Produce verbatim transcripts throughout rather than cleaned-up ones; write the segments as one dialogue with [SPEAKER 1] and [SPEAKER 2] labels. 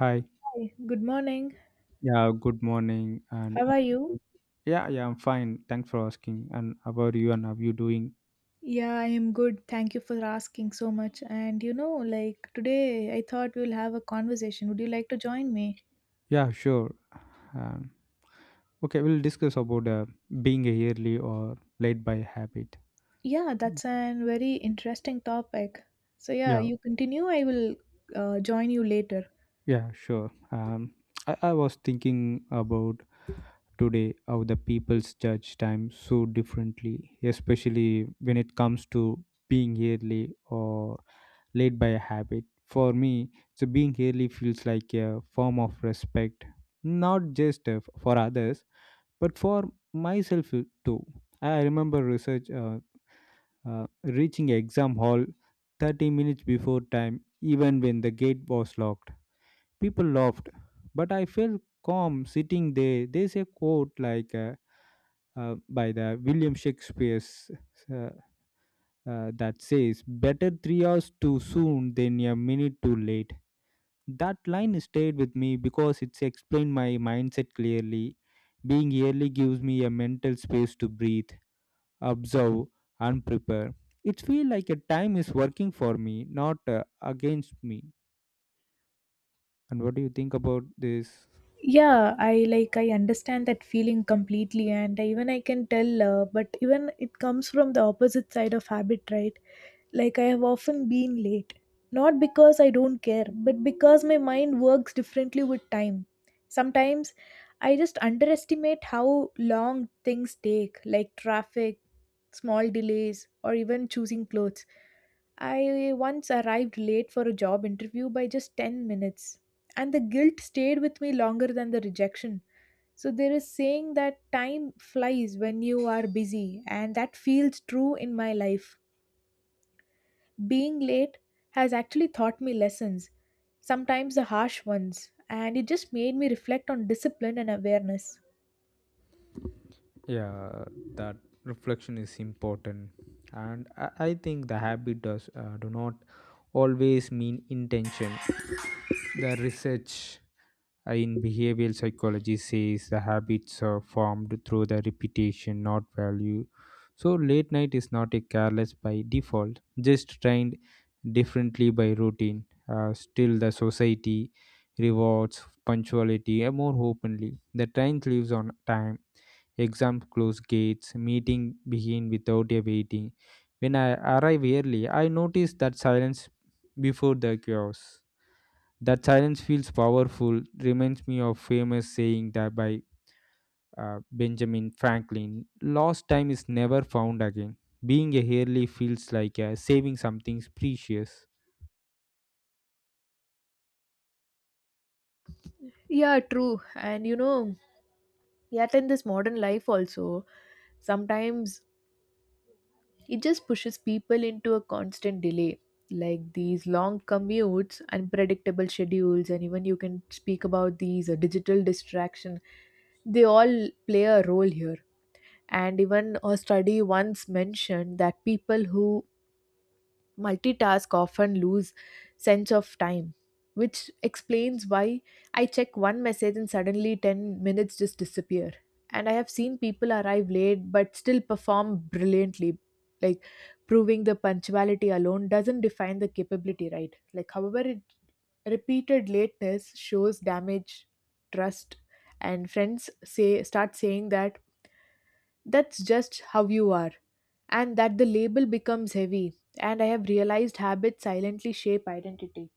[SPEAKER 1] Hi.
[SPEAKER 2] Hi, good morning.
[SPEAKER 1] Yeah, good morning. And
[SPEAKER 2] How are
[SPEAKER 1] uh,
[SPEAKER 2] you?
[SPEAKER 1] yeah, yeah, I'm fine. Thanks for asking. And how about you and how you doing?
[SPEAKER 2] Yeah, I am good. Thank you for asking so much. And you know, like today, I thought we'll have a conversation. Would you like to join me?
[SPEAKER 1] Yeah, sure. Um, okay, we'll discuss about uh, being a yearly or late by habit.
[SPEAKER 2] Yeah, that's a very interesting topic. So, yeah,
[SPEAKER 1] Yeah,
[SPEAKER 2] you continue. I will uh, join you later.
[SPEAKER 1] yeah, sure. Um, I, I was thinking about today how the people's judge time so differently, especially when it comes to being yearly or led by a habit. For me, so being early feels like a form of respect, not just uh, for others, but for myself uh, too. I remember research uh, uh, reaching exam hall thirty minutes before time, even when the gate was locked. People laughed, but I felt calm sitting there. There's a quote like uh, uh, by the William Shakespeare's uh, uh, that says, "Better three hours too soon than a minute too late." That line stayed with me because it's explained my mindset clearly. Being early gives me a mental space to breathe, observe, and prepare. It feels like a time is working for me, not uh, against me. And what do you think about this?
[SPEAKER 2] Yeah, I like I understand that feeling completely, and even I can tell. Uh, but even it comes from the opposite side of habit, right? Like I have often been late, not because I don't care, but because my mind works differently with time. Sometimes I just underestimate how long things take, like traffic, small delays, or even choosing clothes. I once arrived late for a job interview by just ten minutes, and the guilt stayed with me longer than the rejection. So there is saying that time flies when you are busy, and that feels true in my life. Being late has actually taught me lessons, sometimes the harsh ones, and it just made me reflect on discipline and awareness.
[SPEAKER 1] Yeah, that reflection is important, and I, I think the habit does uh, do not always mean intention. The research Uh, in behavioral psychology says the habits are formed through the repetition not value, so late night is not a careless by default, just trained differently by routine. Uh, still the society rewards punctuality uh, more openly. The train leaves on time, exam close gates, meeting begin without a waiting. When I arrive early I notice that silence before the chaos. That silence feels powerful, reminds me of famous saying that by uh, Benjamin Franklin, "Lost time is never found again." Being a early feels like uh, saving something precious.
[SPEAKER 2] Yeah, true. And you know, yet in this modern life also, sometimes it just pushes people into a constant delay, like these long commutes, unpredictable schedules, and even you can speak about these uh, digital distraction. They all play a role here. And even a study once mentioned that people who multitask often lose sense of time, which explains why I check one message and suddenly ten minutes just disappear. And I have seen people arrive late but still perform brilliantly, like proving the punctuality alone doesn't define the capability, right? Like, however, it repeated lateness shows damage, trust, and friends say start saying that that's just how you are, and that the label becomes heavy. And I have realized habits silently shape identity.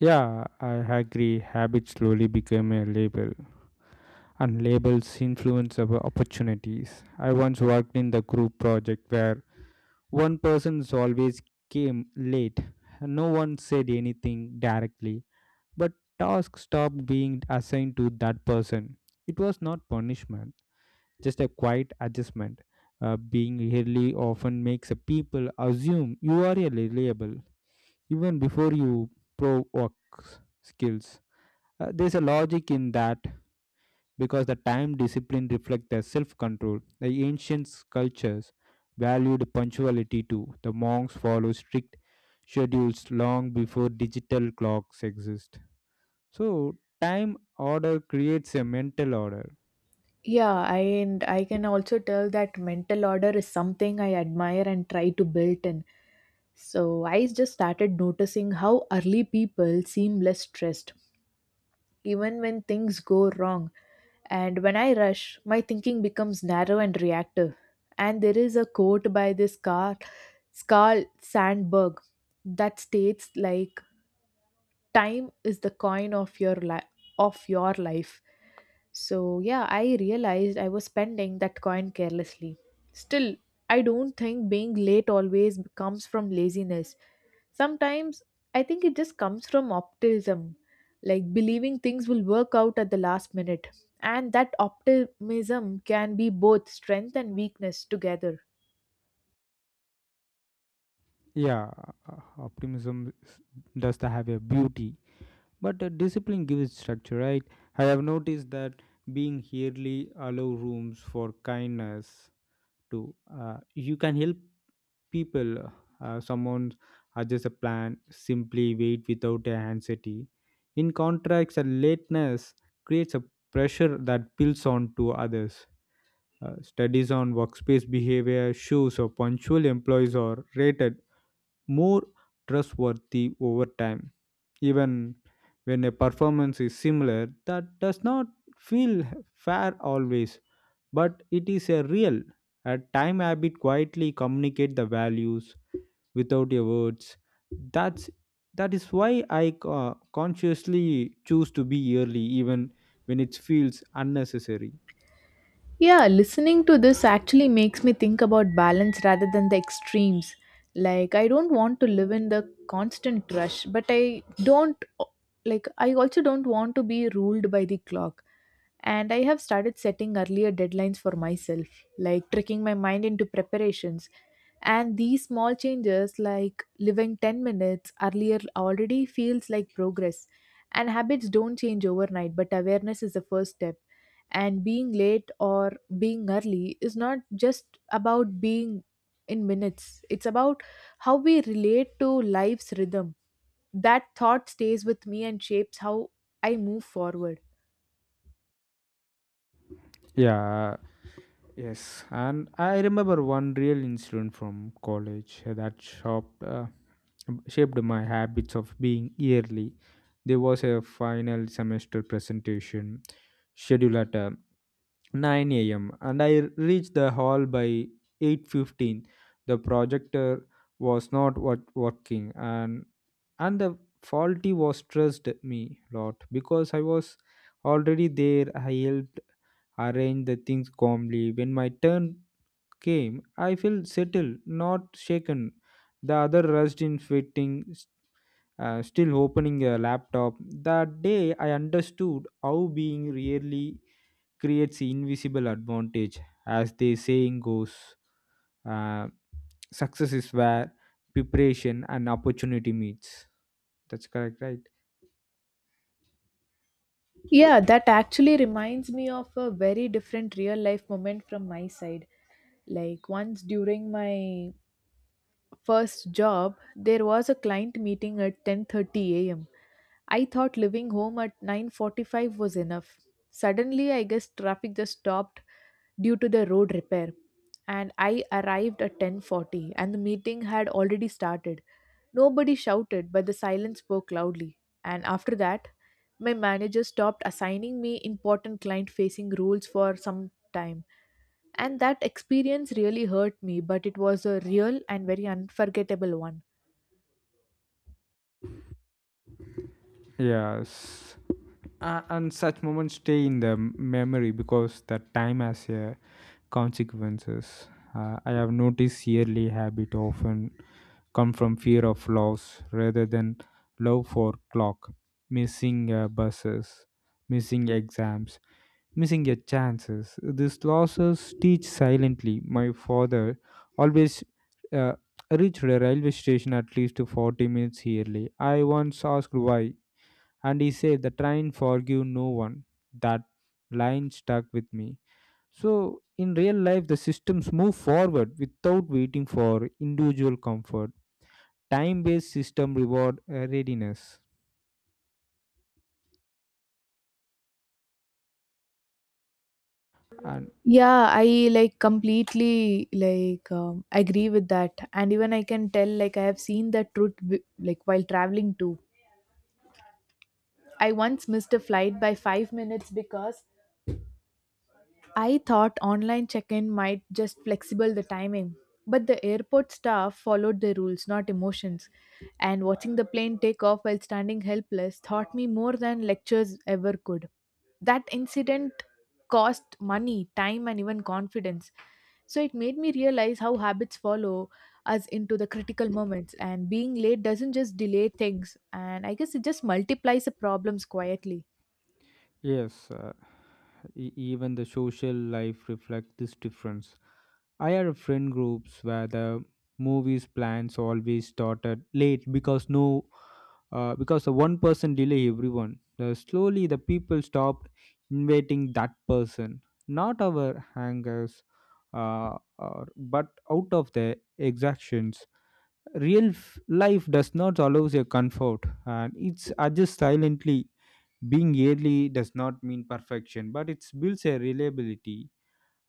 [SPEAKER 1] Yeah, I agree. Habits slowly become a label, and labels influence our opportunities. I once worked in the group project where one person always came late. No one said anything directly, but tasks stopped being assigned to that person. It was not punishment, just a quiet adjustment. Uh, being early often makes a people assume you are reliable even before you pro work skills. Uh, there's a logic in that because the time discipline reflects their self-control. The ancient cultures valued punctuality too. The monks followed strict schedules long before digital clocks exist. So, time order creates a mental order.
[SPEAKER 2] Yeah I, and i can also tell that mental order is something I admire and try to build in. So I just started noticing how early people seem less stressed, even when things go wrong. And when I rush, my thinking becomes narrow and reactive. And there is a quote by this car, Carl Sandburg that states like, time is the coin of your life of your life So yeah, I realized I was spending that coin carelessly. Still, I don't think being late always comes from laziness. Sometimes I think it just comes from optimism, like believing things will work out at the last minute, and that optimism can be both strength and weakness together.
[SPEAKER 1] Yeah, uh, optimism s- does have a beauty, but uh, discipline gives structure, right? I have noticed that being yearly allow rooms for kindness too. Uh, you can help people. Uh, someone adjusts a plan, simply wait without a anxiety. In contrast, a lateness creates a pressure that builds on to others. Uh, studies on workspace behavior shows or punctual employees are rated more trustworthy over time. Even when a performance is similar, that does not feel fair always, but it is a real. A time habit quietly communicate the values without your words. That's that is why I uh, consciously choose to be early, even when it feels unnecessary.
[SPEAKER 2] Yeah, listening to this actually makes me think about balance rather than the extremes. Like, I don't want to live in the constant rush, but I don't, like, I also don't want to be ruled by the clock. And I have started setting earlier deadlines for myself, like tricking my mind into preparations. And these small changes, like living ten minutes earlier, already feels like progress. And habits don't change overnight, but awareness is the first step. And being late or being early is not just about being in minutes, it's about how we relate to life's rhythm. That thought stays with me and shapes how I move forward.
[SPEAKER 1] Yeah, yes, and I remember one real incident from college that shaped, uh, shaped my habits of being yearly. There was a final semester presentation scheduled at uh, nine a m and I reached the hall by eight fifteen. The projector was not wor- working and and the faulty was stressed me a lot because I was already there. I helped arrange the things calmly. When my turn came, I felt settled, not shaken. The other rushed in fitting, uh, still opening a laptop. That day, I understood how being really creates invisible advantage, as the saying goes. Uh, Success is where preparation and opportunity meets. That's correct, right?
[SPEAKER 2] Yeah, that actually reminds me of a very different real life moment from my side. Like, once during my first job, there was a client meeting at ten thirty a m. I thought leaving home at nine forty-five was enough. Suddenly, I guess traffic just stopped due to the road repair, and I arrived at ten forty and the meeting had already started. Nobody shouted, but the silence spoke loudly. And after that, my manager stopped assigning me important client facing roles for some time. And that experience really hurt me, but it was a real and very unforgettable one.
[SPEAKER 1] Yes. A- and such moments stay in the memory because the time has a consequences. Uh, I have noticed yearly habit often come from fear of loss rather than love for clock, missing uh, buses, missing exams, missing your chances. These losses teach silently. My father always uh, reached the railway station at least forty minutes early. I once asked why and he said the train forgive no one. That line stuck with me. So in real life the systems move forward without waiting for individual comfort. Time based system reward uh, readiness and
[SPEAKER 2] Yeah, I like completely like um, agree with that. And even I can tell, like, I have seen that truth wi- like while traveling too. I once missed a flight by five minutes because I thought online check in might just flexible the timing, but the airport staff followed the rules, not emotions. And watching the plane take off while standing helpless taught me more than lectures ever could. That incident cost money, time, and even confidence. So it made me realize how habits follow us into the critical moments, and being late doesn't just delay things, and I guess it just multiplies the problems quietly.
[SPEAKER 1] yes. Uh, e- even the social life reflects this difference. I had a friend groups where the movies plans always started late because no, uh, because the one person delay everyone. The slowly the people stopped inviting that person, not our hangers, uh, or, but out of the exactions. Real f- life does not allow a comfort, and it's adjust silently. Being early does not mean perfection, but it builds a reliability,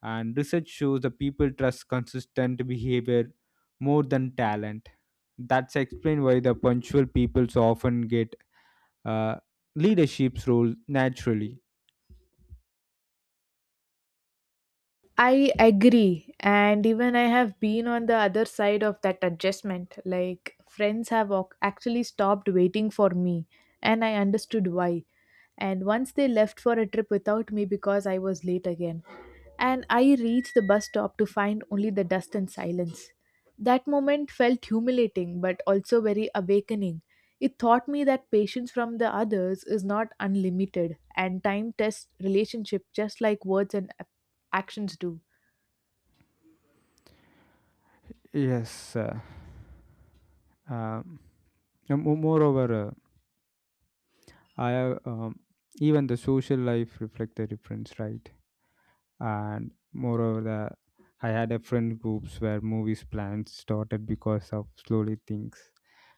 [SPEAKER 1] and research shows the people trust consistent behavior more than talent. That's explained why the punctual people so often get uh, leadership's role naturally.
[SPEAKER 2] I agree. And even I have been on the other side of that adjustment. Like, friends have ac- actually stopped waiting for me, and I understood why. And once they left for a trip without me because I was late again. And I reached the bus stop to find only the dust and silence. That moment felt humiliating, but also very awakening. It taught me that patience from the others is not unlimited, and time tests relationship just like words and actions do.
[SPEAKER 1] Yes. uh, um, and mo- moreover uh, I have um, even the social life reflect the difference, right? And moreover the I had a friend groups where movies plans started because of slowly things.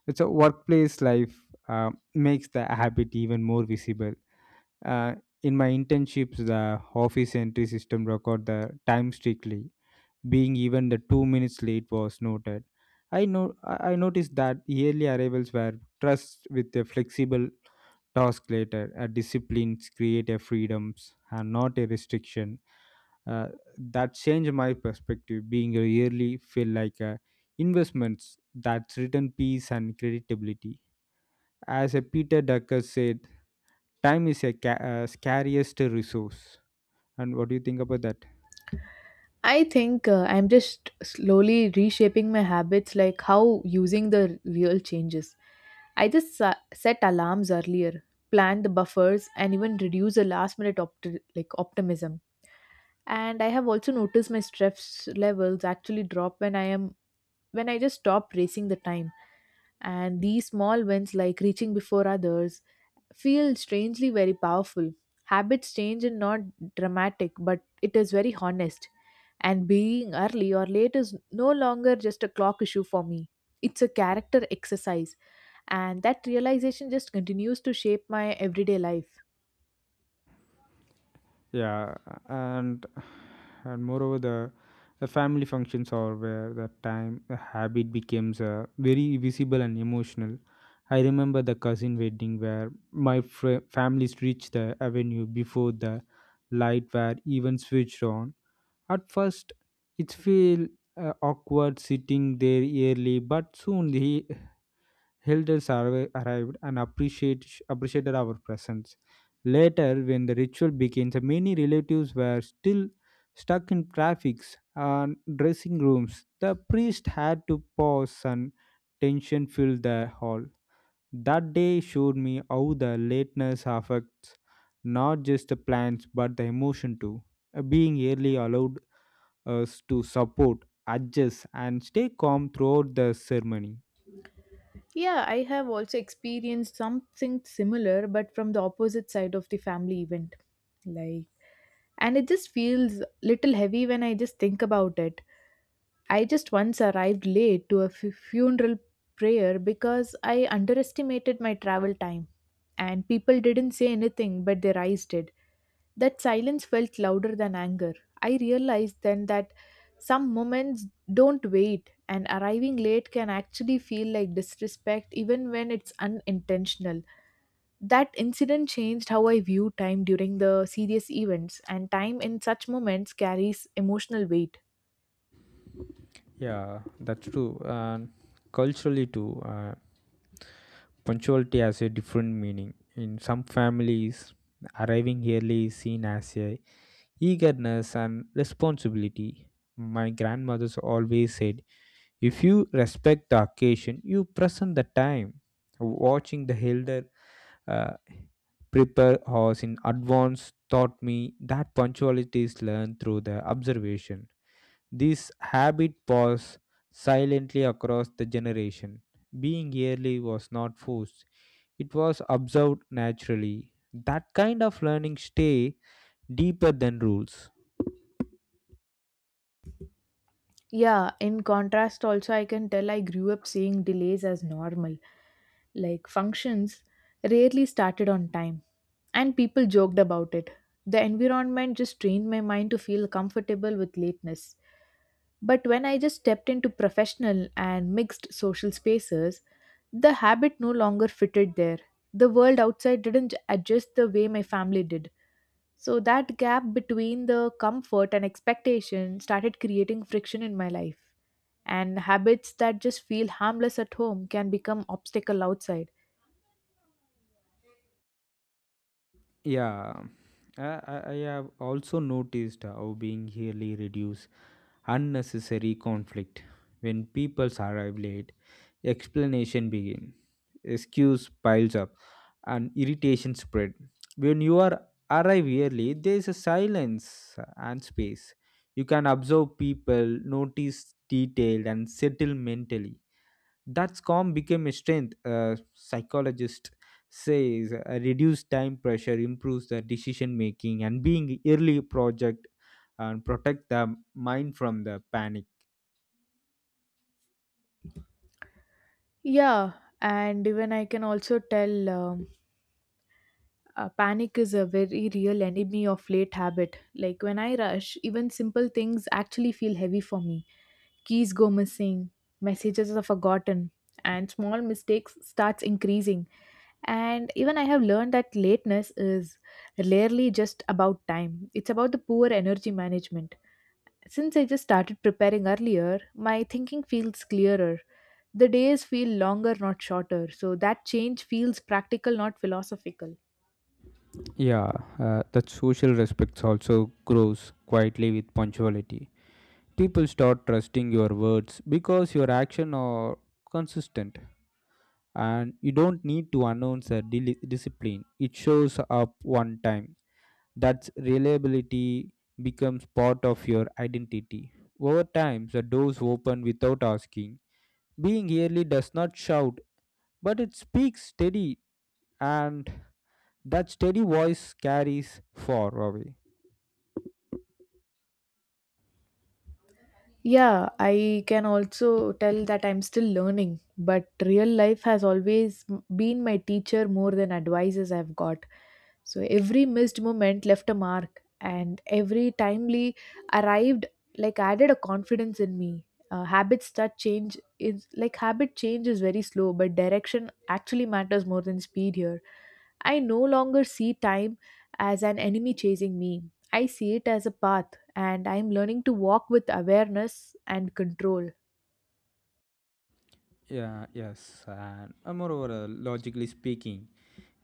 [SPEAKER 1] It's a workplace life uh, makes the habit even more visible. Uh, in my internships, the office entry system record the time strictly, being even the two minutes late was noted. I know I I noticed that yearly arrivals were trust with a flexible task later. A disciplines create a freedoms and not a restriction. Uh, that changed my perspective. Being a yearly feel like a investments that's written peace and creditability. As a Peter Ducker said, time is a ca- uh, scariest resource, and what do you think about that?
[SPEAKER 2] I think uh, I'm just slowly reshaping my habits, like how using the real changes. I just uh, set alarms earlier, plan the buffers, and even reduce the last minute opt- like optimism. And I have also noticed my stress levels actually drop when I am when I just stop racing the time. And these small wins, like reaching before others, feel strangely very powerful. Habits change and not dramatic, but it is very honest. And being early or late is no longer just a clock issue for me. It's a character exercise, and that realization just continues to shape my everyday life.
[SPEAKER 1] Yeah, and and moreover the the family functions are where the time the habit becomes uh, very visible and emotional. I remember the cousin wedding where my fr- families reached the avenue before the light were even switched on. At first, it feel uh, awkward sitting there early, but soon the elders arri- arrived and appreciate, appreciated our presence. Later, when the ritual began, so many relatives were still stuck in traffics and dressing rooms. The priest had to pause and tension filled the hall. That day showed me how the lateness affects not just the plans but the emotion too. Uh, Being early allowed us to support, adjust, and stay calm throughout the ceremony.
[SPEAKER 2] Yeah, I have also experienced something similar, but from the opposite side of the family event. Like, and it just feels little heavy when I just think about it. I just once arrived late to a fu- funeral prayer because I underestimated my travel time, and people didn't say anything, but their eyes did. That silence felt louder than anger. I realized then that some moments don't wait, and arriving late can actually feel like disrespect even when it's unintentional. That incident changed how I view time during the serious events, and time in such moments carries emotional weight.
[SPEAKER 1] Yeah, that's true. And culturally too, uh, punctuality has a different meaning. In some families, arriving early is seen as a eagerness and responsibility. My grandmother's always said, if you respect the occasion, you present the time. Watching the elder uh, prepare horse in advance taught me that punctuality is learned through the observation. This habit passed silently across the generation. Being early was not forced, it was observed naturally. That kind of learning stay deeper than rules.
[SPEAKER 2] Yeah, in contrast, also, I can tell I grew up seeing delays as normal. Like functions rarely started on time, and people joked about it. The environment just trained my mind to feel comfortable with lateness. But when I just stepped into professional and mixed social spaces, the habit no longer fitted there. The world outside didn't adjust the way my family did. So that gap between the comfort and expectation started creating friction in my life, and habits that just feel harmless at home can become obstacle outside.
[SPEAKER 1] Yeah, I, I I have also noticed how being early reduce unnecessary conflict. When people arrive late, explanation begin, excuse piles up and irritation spread. When you are arrive early, there is a silence and space. You can observe people, notice detail, and settle mentally. That calm became a strength. A psychologist says uh, reduced time pressure improves the decision making, and being early project and protect the mind from the panic.
[SPEAKER 2] Yeah, and even I can also tell, um, uh, panic is a very real enemy of late habit. Like when I rush, even simple things actually feel heavy for me. Keys go missing, messages are forgotten, and small mistakes starts increasing. And even I have learned that lateness is rarely just about time, it's about the poor energy management. Since I just started preparing earlier, my thinking feels clearer. The days feel longer, not shorter, so that change feels practical, not philosophical.
[SPEAKER 1] Yeah, uh, that social respect also grows quietly with punctuality. People start trusting your words because your actions are consistent, and you don't need to announce a dili- discipline. It shows up one time. That's reliability becomes part of your identity. Over time the doors open without asking. Being early does not shout, but it speaks steady, and that steady voice carries far away.
[SPEAKER 2] Yeah, I can also tell that I'm still learning, but real life has always m- been my teacher more than advices I've got. So every missed moment left a mark, and every timely arrived like added a confidence in me. Uh, habits that change is like habit change is very slow, but direction actually matters more than speed here. I no longer see time as an enemy chasing me. I see it as a path, and I'm learning to walk with awareness and control.
[SPEAKER 1] Yeah, yes, and uh, moreover, uh, logically speaking,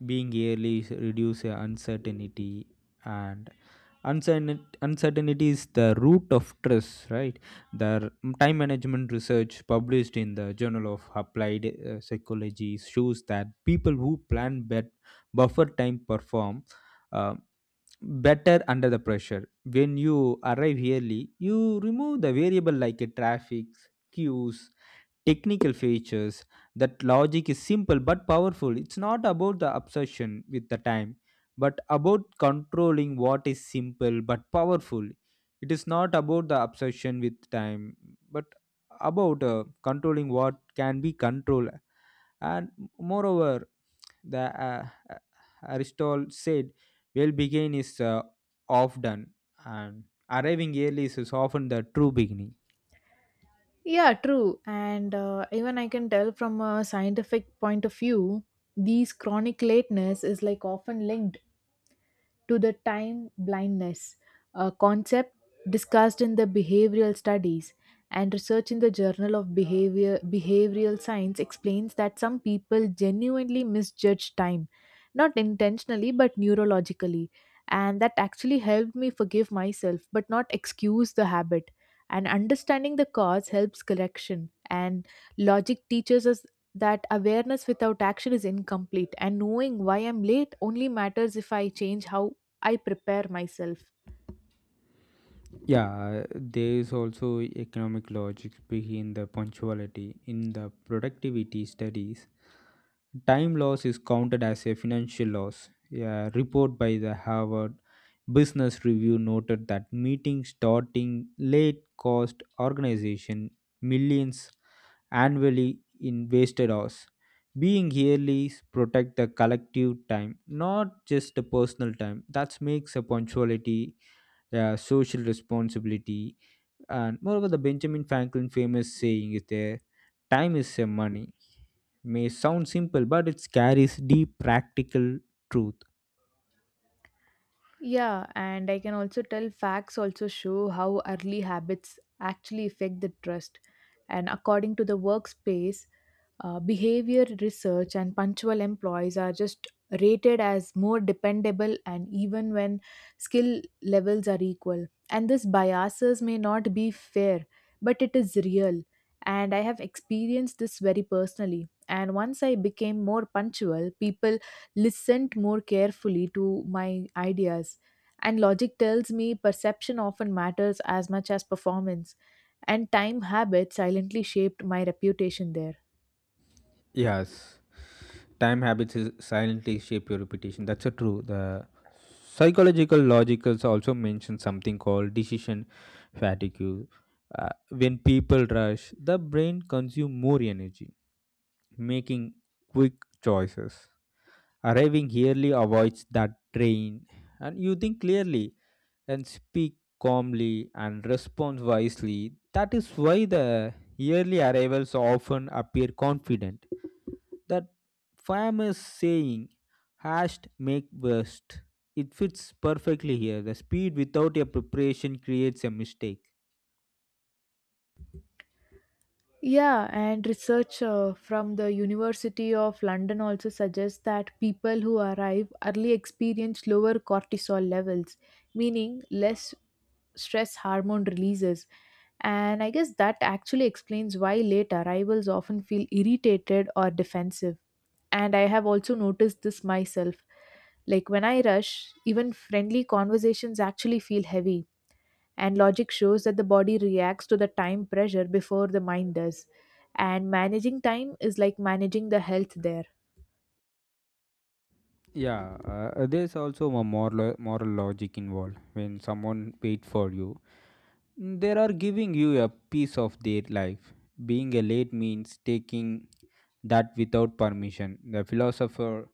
[SPEAKER 1] being early is reduce uh, uncertainty, and uncertain uncertainty is the root of stress, right? The r- time management research published in the Journal of Applied uh, Psychology shows that people who plan bet buffer time perform Uh, better under the pressure. When you arrive early, you remove the variable like a traffic, queues, technical features. That logic is simple but powerful. It's not about the obsession with the time but about controlling what is simple but powerful. It is not about the obsession with time but about uh, controlling what can be controlled. And moreover the uh, uh, Aristotle said well beginning is uh, off done, and arriving early is often the true beginning.
[SPEAKER 2] Yeah, true. And uh, even I can tell, from a scientific point of view, these chronic lateness is like often linked to the time blindness, a concept discussed in the behavioral studies. And research in the Journal of Behavior, Behavioral Science explains that some people genuinely misjudge time, not intentionally but neurologically. And that actually helped me forgive myself but not excuse the habit. And understanding the cause helps correction. And logic teaches us that awareness without action is incomplete, and knowing why I'm late only matters if I change how I prepare myself.
[SPEAKER 1] Yeah, there is also economic logic behind the punctuality. In the productivity studies, time loss is counted as a financial loss. A report by the Harvard Business Review noted that meetings starting late cost organization millions annually in wasted hours. Being early protect the collective time, not just the personal time. That makes a punctuality uh, social responsibility. And moreover, the Benjamin Franklin famous saying is there, time is a money. May sound simple, but it carries deep practical truth.
[SPEAKER 2] Yeah, and I can also tell facts also show how early habits actually affect the trust. And according to the workspace, Uh, behavior research and punctual employees are just rated as more dependable, and even when skill levels are equal. And this biases may not be fair, but it is real. And I have experienced this very personally. And once I became more punctual, people listened more carefully to my ideas. And logic tells me perception often matters as much as performance. And time habits silently shaped my reputation there.
[SPEAKER 1] Yes, time habits is silently shape your reputation. That's a true. The psychological logicals also mention something called decision fatigue. Uh, when people rush, the brain consumes more energy, making quick choices. Arriving early avoids that drain, and you think clearly and speak calmly and respond wisely. That is why the early arrivals often appear confident. That famous saying, hashed make best, it fits perfectly here. The speed without a preparation creates a mistake.
[SPEAKER 2] Yeah, and research uh, from the University of London also suggests that people who arrive early experience lower cortisol levels, meaning less stress hormone releases. And I guess that actually explains why late arrivals often feel irritated or defensive. And I have also noticed this myself. Like when I rush, even friendly conversations actually feel heavy, and logic shows that the body reacts to the time pressure before the mind does. And managing time is like managing the health there.
[SPEAKER 1] Yeah, uh, there's also a moral, moral logic involved. When someone paid for you, they are giving you a piece of their life. Being a late means taking that without permission. The philosopher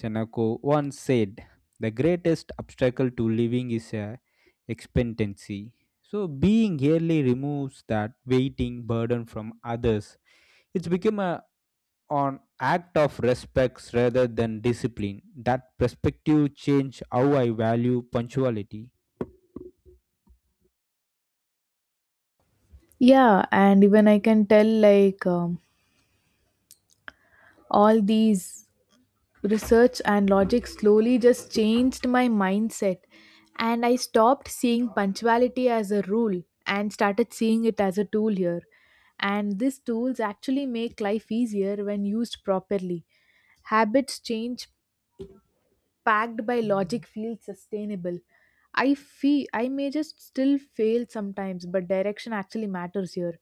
[SPEAKER 1] Seneca once said, "The greatest obstacle to living is a expectancy." So being early removes that waiting burden from others. It's become a on act of respects rather than discipline. That perspective changed how I value punctuality.
[SPEAKER 2] Yeah, and even I can tell, like um, all these research and logic slowly just changed my mindset. And I stopped seeing punctuality as a rule and started seeing it as a tool here. And these tools actually make life easier when used properly. Habits change packed by logic feels sustainable. I feel I may just still fail sometimes, but direction actually matters here.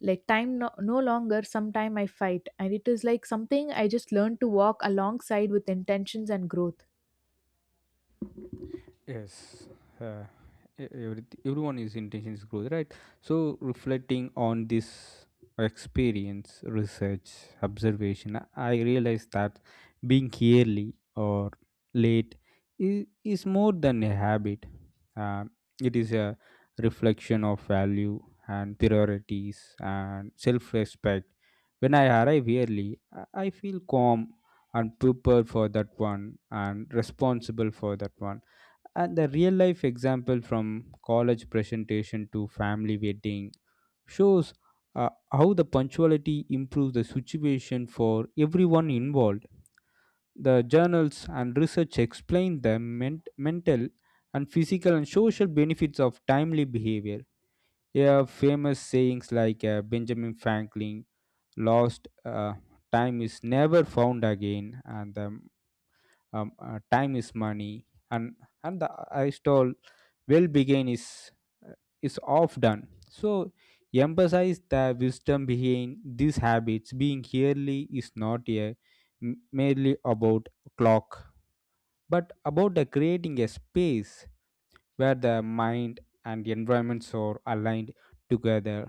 [SPEAKER 2] Like time, no, no longer, sometime I fight, and it is like something I just learn to walk alongside with intentions and growth.
[SPEAKER 1] Yes, uh, e- every, everyone is intention is growth, right? So reflecting on this experience, research, observation, I I realize that being early or late is, is more than a habit. Um, it is a reflection of value and priorities and self-respect. When I arrive early, I I feel calm and prepared for that one and responsible for that one, and the real life example from college presentation to family wedding shows uh, how the punctuality improves the situation for everyone involved. The journals and research explain the ment- mental and physical and social benefits of timely behavior. Yeah, famous sayings like uh, Benjamin Franklin, lost uh, time is never found again, and the um, uh, time is money, and and the I told well begin is uh, is off done, so emphasize the wisdom behind these habits. Being yearly is not a m- merely about clock but about the creating a space where the mind and environments are aligned together.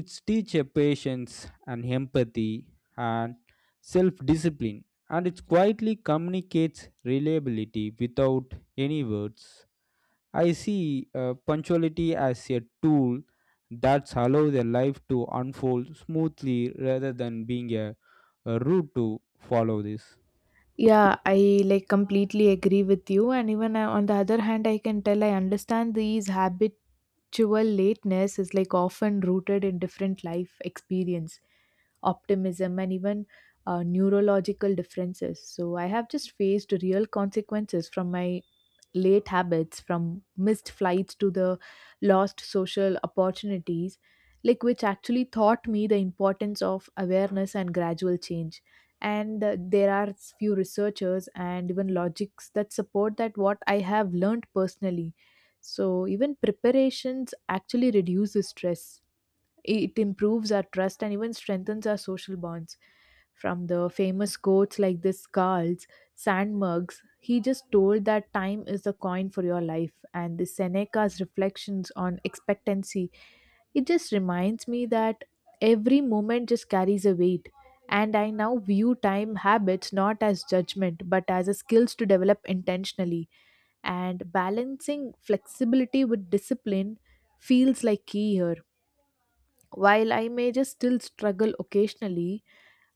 [SPEAKER 1] It's teach a patience and empathy and self-discipline, and it quietly communicates reliability without any words. I see uh, punctuality as a tool that allows a life to unfold smoothly rather than being a, a route to follow this.
[SPEAKER 2] Yeah, I like completely agree with you. And even uh, on the other hand, I can tell I understand these habitual lateness is like often rooted in different life experience, optimism, and even uh, neurological differences. So I have just faced real consequences from my late habits, from missed flights to the lost social opportunities, like which actually taught me the importance of awareness and gradual change. And uh, there are s- few researchers and even logics that support that what I have learned personally. So even preparations actually reduce the stress, it improves our trust and even strengthens our social bonds. From the famous quotes like this Carl's Sandburg's, he just told that time is the coin for your life, and the Seneca's reflections on expectancy. It just reminds me that every moment just carries a weight, and I now view time habits not as judgment but as a skills to develop intentionally, and balancing flexibility with discipline feels like key here. While I may just still struggle occasionally,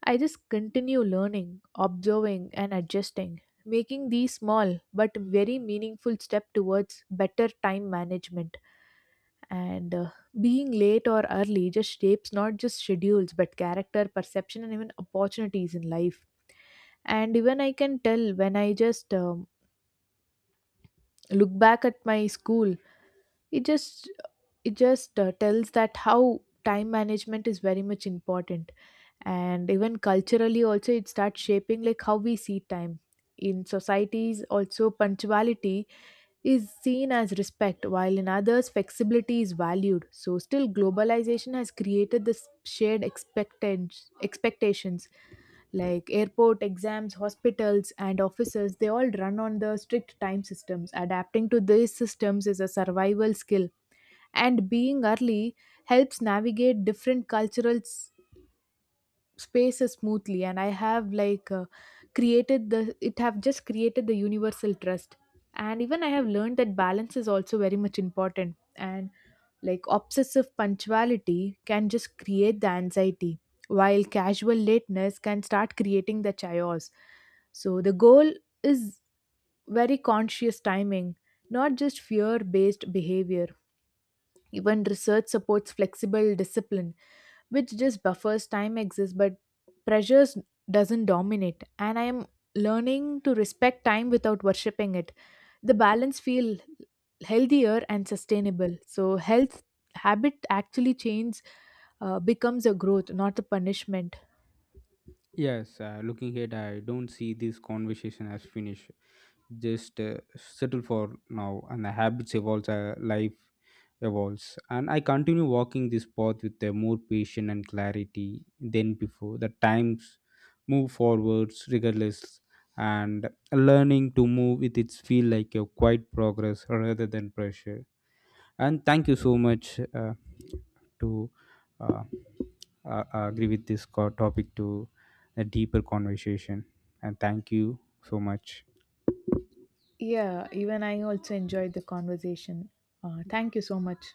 [SPEAKER 2] I just continue learning, observing, and adjusting, making these small but very meaningful step towards better time management. And uh, being late or early just shapes not just schedules but character, perception, and even opportunities in life. And even I can tell when I just um, look back at my school, it just it just uh, tells that how time management is very much important. And even culturally also it starts shaping like how we see time. In societies also punctuality is seen as respect, while in others flexibility is valued. So still globalization has created this shared expectance expectations, like airport, exams, hospitals, and offices, they all run on the strict time systems. Adapting to these systems is a survival skill, and being early helps navigate different cultural spaces smoothly. And I have like uh, created the it have just created the universal trust. And even I have learned that balance is also very much important. And like obsessive punctuality can just create the anxiety, while casual lateness can start creating the chaos. So the goal is very conscious timing, not just fear based behavior. Even research supports flexible discipline, which just buffers time exists but pressures doesn't dominate. And I am learning to respect time without worshipping it. The balance feel healthier and sustainable. So health habit actually change uh, becomes a growth, not a punishment.
[SPEAKER 1] Yes, uh, looking ahead, I don't see this conversation as finished. Just uh, settle for now, and the habits evolves, uh, life evolves, and I continue walking this path with uh, more patience and clarity than before. The times move forwards regardless, and learning to move with it feel like a quiet progress rather than pressure. And thank you so much uh, to uh, uh, agree with this co- topic to a deeper conversation, and thank you so much.
[SPEAKER 2] Yeah, even I also enjoyed the conversation. Uh, thank you so much.